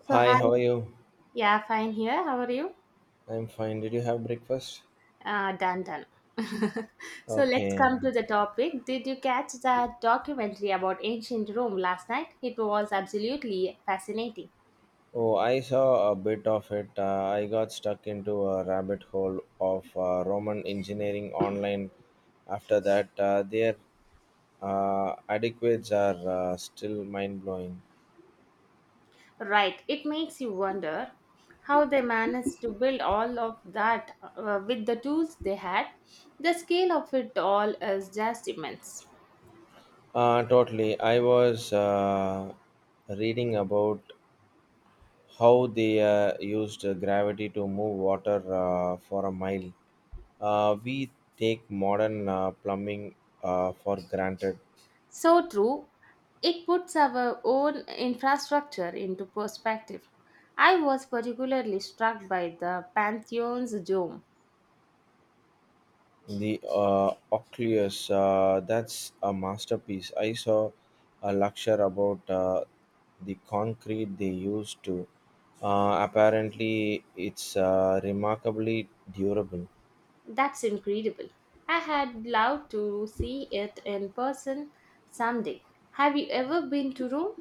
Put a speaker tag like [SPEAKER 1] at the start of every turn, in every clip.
[SPEAKER 1] So
[SPEAKER 2] Hi,
[SPEAKER 1] hi,
[SPEAKER 2] how are you?
[SPEAKER 1] yeah, fine here. How are you?
[SPEAKER 2] I'm fine. Did you have breakfast?
[SPEAKER 1] Done. So let's
[SPEAKER 2] Okay.
[SPEAKER 1] come to the topic. Did you catch that documentary about ancient Rome last night? It was absolutely fascinating.
[SPEAKER 2] Oh, I saw a bit of it. I got stuck into a rabbit hole of Roman engineering online. After that, their adequates are still mind blowing.
[SPEAKER 1] Right, it makes you wonder how they managed to build all of that with the tools they had. The scale of it all is just immense.
[SPEAKER 2] Totally. I was reading about how they used gravity to move water for a mile. We take modern plumbing for granted.
[SPEAKER 1] So true. It puts our own infrastructure into perspective. I was particularly struck by the Pantheon's dome.
[SPEAKER 2] The Oculus, that's a masterpiece. I saw a lecture about the concrete they used to. Apparently, it's remarkably durable.
[SPEAKER 1] That's incredible. I had loved to see it in person someday. Have you ever been to Rome?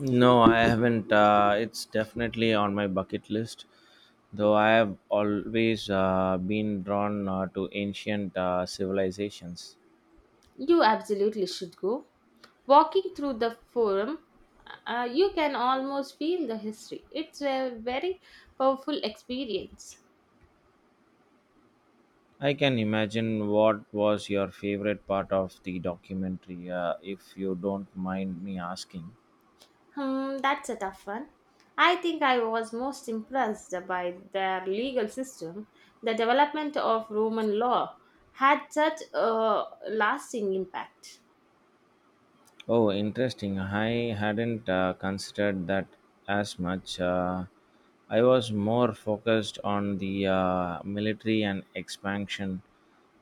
[SPEAKER 2] No, I haven't. It's definitely on my bucket list, though I have always been drawn to ancient civilizations.
[SPEAKER 1] You absolutely should go. Walking through the forum, you can almost feel the history. It's a very powerful experience.
[SPEAKER 2] I can imagine. What was your favorite part of the documentary, if you don't mind me asking?
[SPEAKER 1] Hmm, that's a tough one. I think I was most impressed by their legal system. The development of Roman law had such a lasting impact.
[SPEAKER 2] Oh, interesting. I hadn't considered that as much. I was more focused on the military and expansion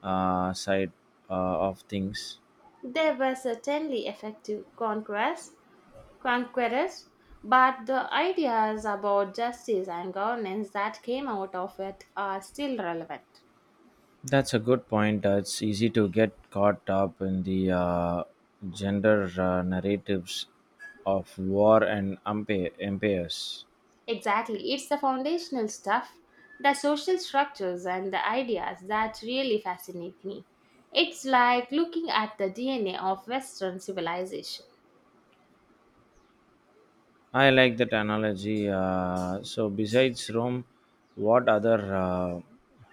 [SPEAKER 2] side uh, of things.
[SPEAKER 1] They were certainly effective conquerors, but the ideas about justice and governance that came out of it are still relevant.
[SPEAKER 2] That's a good point. It's easy to get caught up in the gender narratives of war and empires.
[SPEAKER 1] Exactly. It's the foundational stuff, the social structures and the ideas that really fascinate me. It's like looking at the DNA of Western civilization.
[SPEAKER 2] I like that analogy. So, besides Rome, what other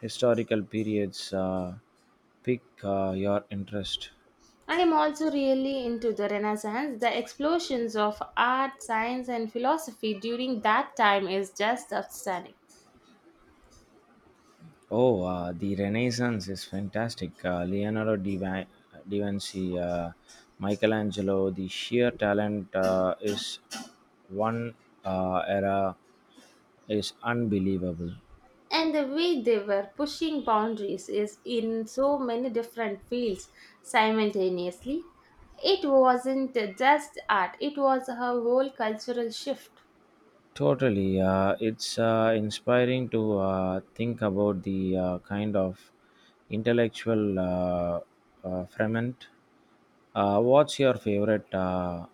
[SPEAKER 2] historical periods pique your interest?
[SPEAKER 1] And I'm also really into the Renaissance. The explosions of art, science, and philosophy during that time is just outstanding.
[SPEAKER 2] Oh, the Renaissance is fantastic. Leonardo da Vinci, Michelangelo, the sheer talent is one era is unbelievable.
[SPEAKER 1] And the way they were pushing boundaries is in so many different fields simultaneously. It wasn't just art, it was a whole cultural shift.
[SPEAKER 2] Totally. It's inspiring to think about the kind of intellectual ferment. What's your favorite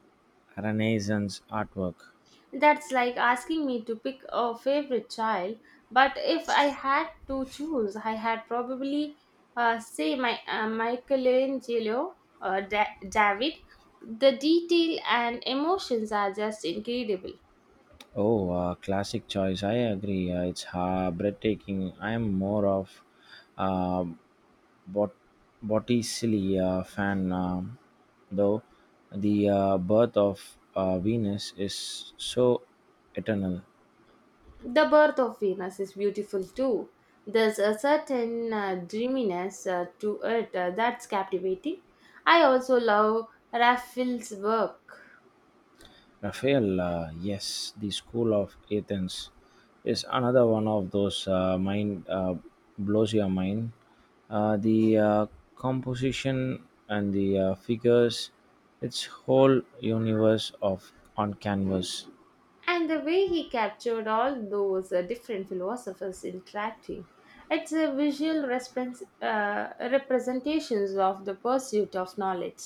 [SPEAKER 2] Renaissance artwork?
[SPEAKER 1] That's like asking me to pick a favorite child, but if I had to choose, I had probably say my Michelangelo David. The detail and emotions are just incredible.
[SPEAKER 2] Oh, classic choice. I agree. It's breathtaking. I'm more of uh, Bot- Botticelli fan, though. The birth of Venus is so eternal.
[SPEAKER 1] The birth of Venus is beautiful too. There's a certain dreaminess to it that's captivating. I also love Raphael's work
[SPEAKER 2] Raphael, yes, the School of Athens is another one of those mind blows your mind. The composition and the figures, its whole universe of on canvas.
[SPEAKER 1] and the way he captured all those different philosophers interacting. It's a visual representations of the pursuit of knowledge.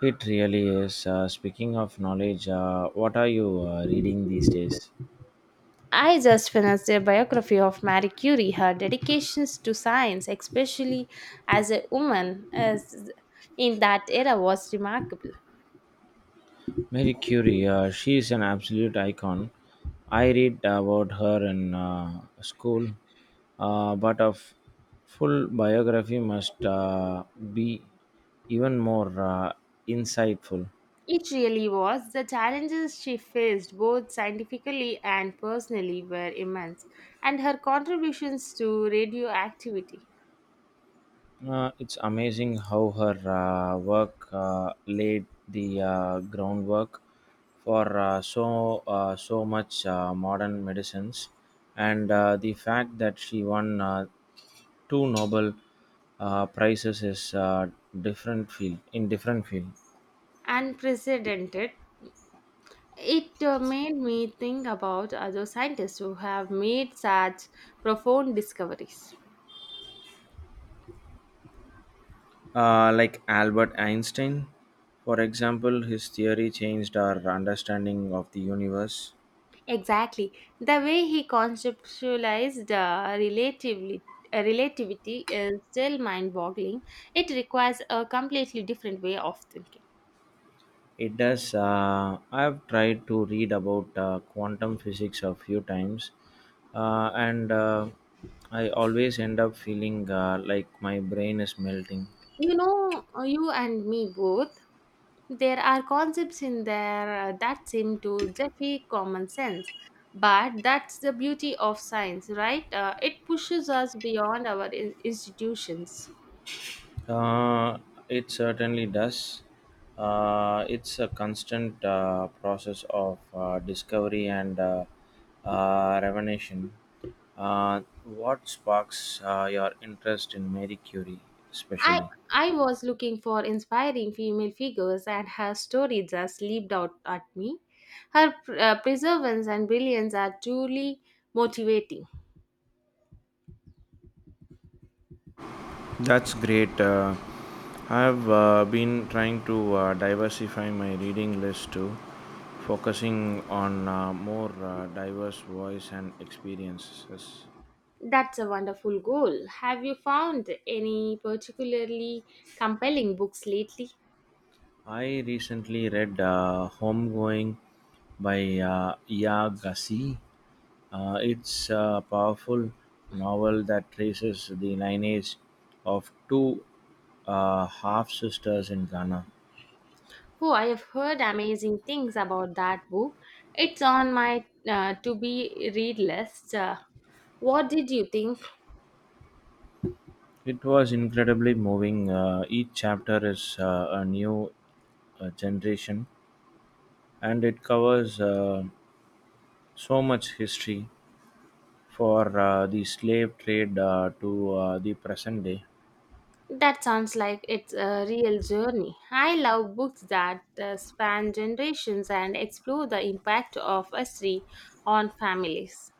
[SPEAKER 2] It really is. Speaking of knowledge, what are you reading these days?
[SPEAKER 1] I just finished a biography of Marie Curie. Her dedications to science, especially as a woman as in that era, was remarkable.
[SPEAKER 2] Marie Curie, she is an absolute icon. I read about her in school, but a full biography must be even more insightful.
[SPEAKER 1] It really was. The challenges she faced, both scientifically and personally, were immense, and her contributions to radioactivity
[SPEAKER 2] It's amazing how her work laid the groundwork for so much modern medicines, and the fact that she won two Nobel prizes is different field.
[SPEAKER 1] unprecedented. It made me think about other scientists who have made such profound discoveries.
[SPEAKER 2] Like Albert Einstein, for example, his theory changed our understanding of the universe.
[SPEAKER 1] Exactly. The way he conceptualized relativity is still mind boggling. It requires a completely different way of thinking.
[SPEAKER 2] It does. I've tried to read about quantum physics a few times, and I always end up feeling like my brain is melting.
[SPEAKER 1] You know, you and me both, there are concepts in there that seem to defy common sense. But that's the beauty of science, right? It pushes us beyond our institutions.
[SPEAKER 2] Uh, it certainly does. It's a constant process of discovery and revelation. What sparks your interest in Mary Curie,
[SPEAKER 1] I
[SPEAKER 2] especially?
[SPEAKER 1] I was looking for inspiring female figures, and her story just leaped out at me. Her perseverance and brilliance are truly motivating.
[SPEAKER 2] That's great. I've been trying to diversify my reading list too, focusing on more diverse voice and experiences.
[SPEAKER 1] That's a wonderful goal. Have you found any particularly compelling books lately?
[SPEAKER 2] I recently read Homegoing by Iyagasi. It's a powerful novel that traces the lineage of two half sisters in Ghana.
[SPEAKER 1] Oh, I have heard amazing things about that book. It's on my to be read list. What did you think?
[SPEAKER 2] It was incredibly moving. Each chapter is a new generation and it covers so much history for the slave trade to the present day.
[SPEAKER 1] That sounds like it's a real journey. I love books that span generations and explore the impact of history on families.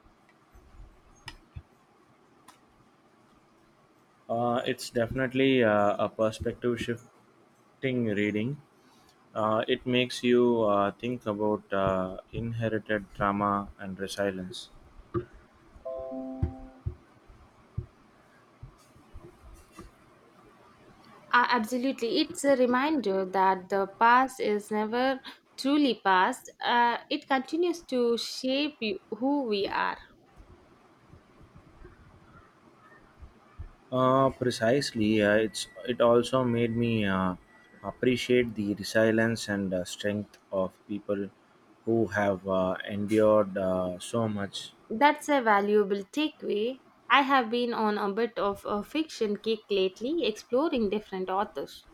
[SPEAKER 2] It's definitely a perspective shifting reading. It makes you think about inherited trauma and resilience.
[SPEAKER 1] Absolutely, it's a reminder that the past is never truly past. It continues to shape you, who we are.
[SPEAKER 2] Precisely, it also made me appreciate the resilience and strength of people who have endured so much.
[SPEAKER 1] That's a valuable takeaway. I have been on a bit of a fiction kick lately, exploring different authors.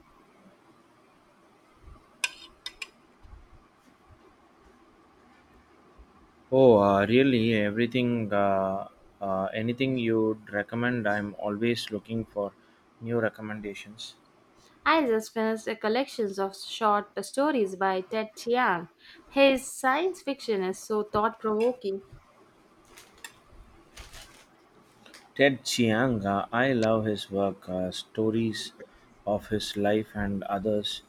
[SPEAKER 2] Oh, really? Everything, anything you'd recommend? I'm always looking for new recommendations.
[SPEAKER 1] I just finished a collection of short stories by Ted Chiang. His science fiction is so thought provoking.
[SPEAKER 2] Ted Chiang, I love his work. Stories of His Life and Others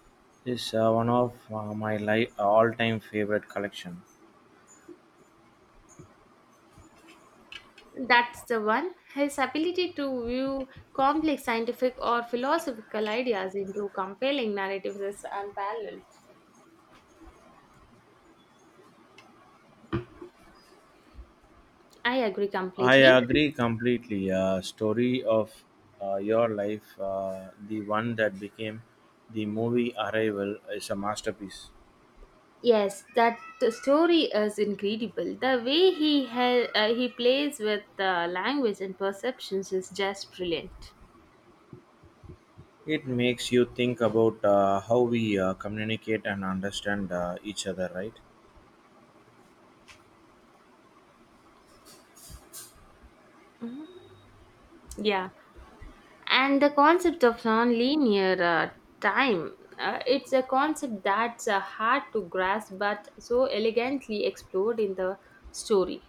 [SPEAKER 2] is one of my all-time favorite collection.
[SPEAKER 1] That's the one. His ability to view complex scientific or philosophical ideas into compelling narratives is unparalleled. I agree
[SPEAKER 2] I
[SPEAKER 1] completely.
[SPEAKER 2] agree completely. Story of Your Life, the one that became the movie Arrival, is a masterpiece.
[SPEAKER 1] Yes, that story is incredible. The way he he plays with the language and perceptions is just brilliant.
[SPEAKER 2] It makes you think about how we communicate and understand each other, right?
[SPEAKER 1] Yeah. And the concept of nonlinear time it's a concept that's hard to grasp but so elegantly explored in the story.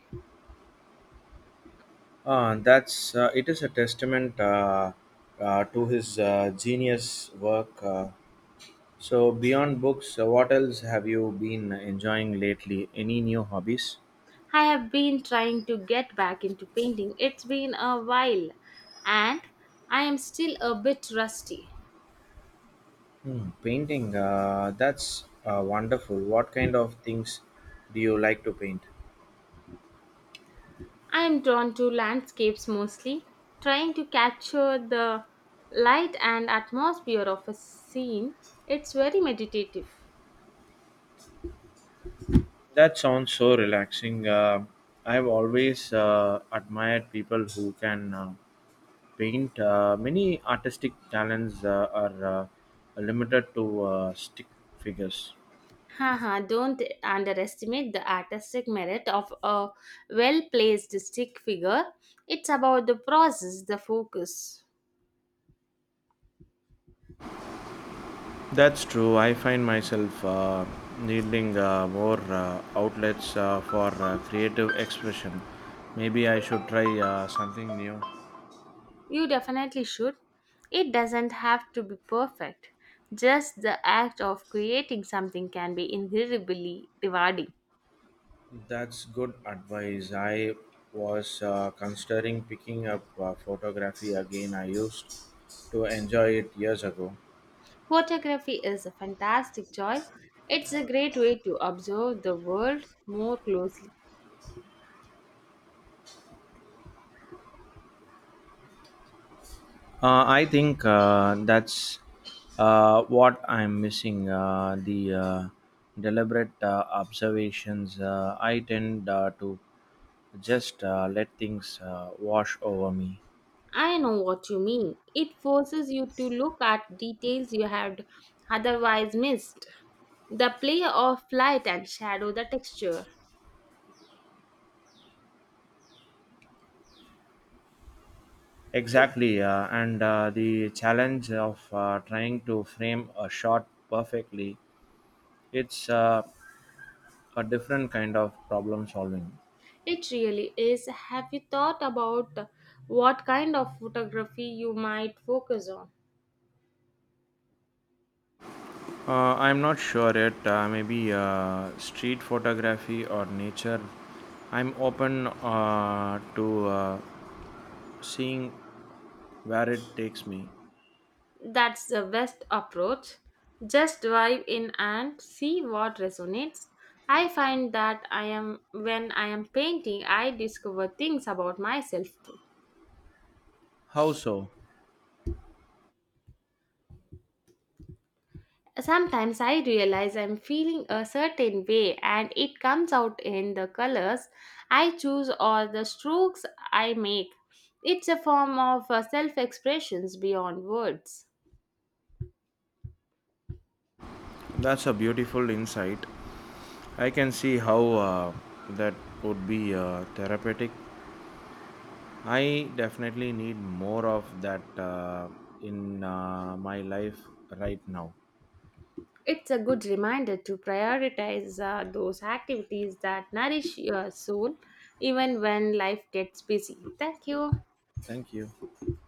[SPEAKER 2] That's It is a testament to his genius work. So beyond books, what else have you been enjoying lately? Any new hobbies?
[SPEAKER 1] I have been trying to get back into painting. It's been a while, and I am still a bit rusty.
[SPEAKER 2] Hmm, painting. That's wonderful. What kind of things do you like to paint?
[SPEAKER 1] I am drawn to landscapes mostly, trying to capture the light and atmosphere of a scene. It's very meditative.
[SPEAKER 2] That sounds so relaxing. I've always admired people who can paint. Many artistic talents are limited to stick figures.
[SPEAKER 1] Haha, don't underestimate the artistic merit of a well placed stick figure. It's about the process, the focus.
[SPEAKER 2] That's true. I find myself needing more outlets for creative expression. Maybe I should try something new.
[SPEAKER 1] You definitely should. It doesn't have to be perfect. Just the act of creating something can be incredibly rewarding.
[SPEAKER 2] That's good advice. I was considering picking up photography again. I used to enjoy it years ago.
[SPEAKER 1] Photography is a fantastic choice. It's a great way to observe the world more closely.
[SPEAKER 2] I think that's what I'm missing the deliberate observations. I tend to just let things wash over me.
[SPEAKER 1] I know what you mean. It forces you to look at details you had otherwise missed. The play of light and shadow, the texture.
[SPEAKER 2] Exactly, and the challenge of trying to frame a shot perfectly, it's a different kind of problem solving.
[SPEAKER 1] It really is. Have you thought about what kind of photography you might focus on?
[SPEAKER 2] I'm not sure yet, maybe street photography or nature. I'm open to seeing where it takes me.
[SPEAKER 1] That's the best approach. Just dive in and see what resonates. I find that I am when I am painting, I discover things about myself too.
[SPEAKER 2] How so?
[SPEAKER 1] Sometimes I realize I'm feeling a certain way and it comes out in the colors I choose or the strokes I make. It's a form of self expressions beyond words.
[SPEAKER 2] That's a beautiful insight. I can see how that would be therapeutic. I definitely need more of that in my life right now.
[SPEAKER 1] It's a good reminder to prioritize those activities that nourish your soul even when life gets busy. Thank you.
[SPEAKER 2] Thank you.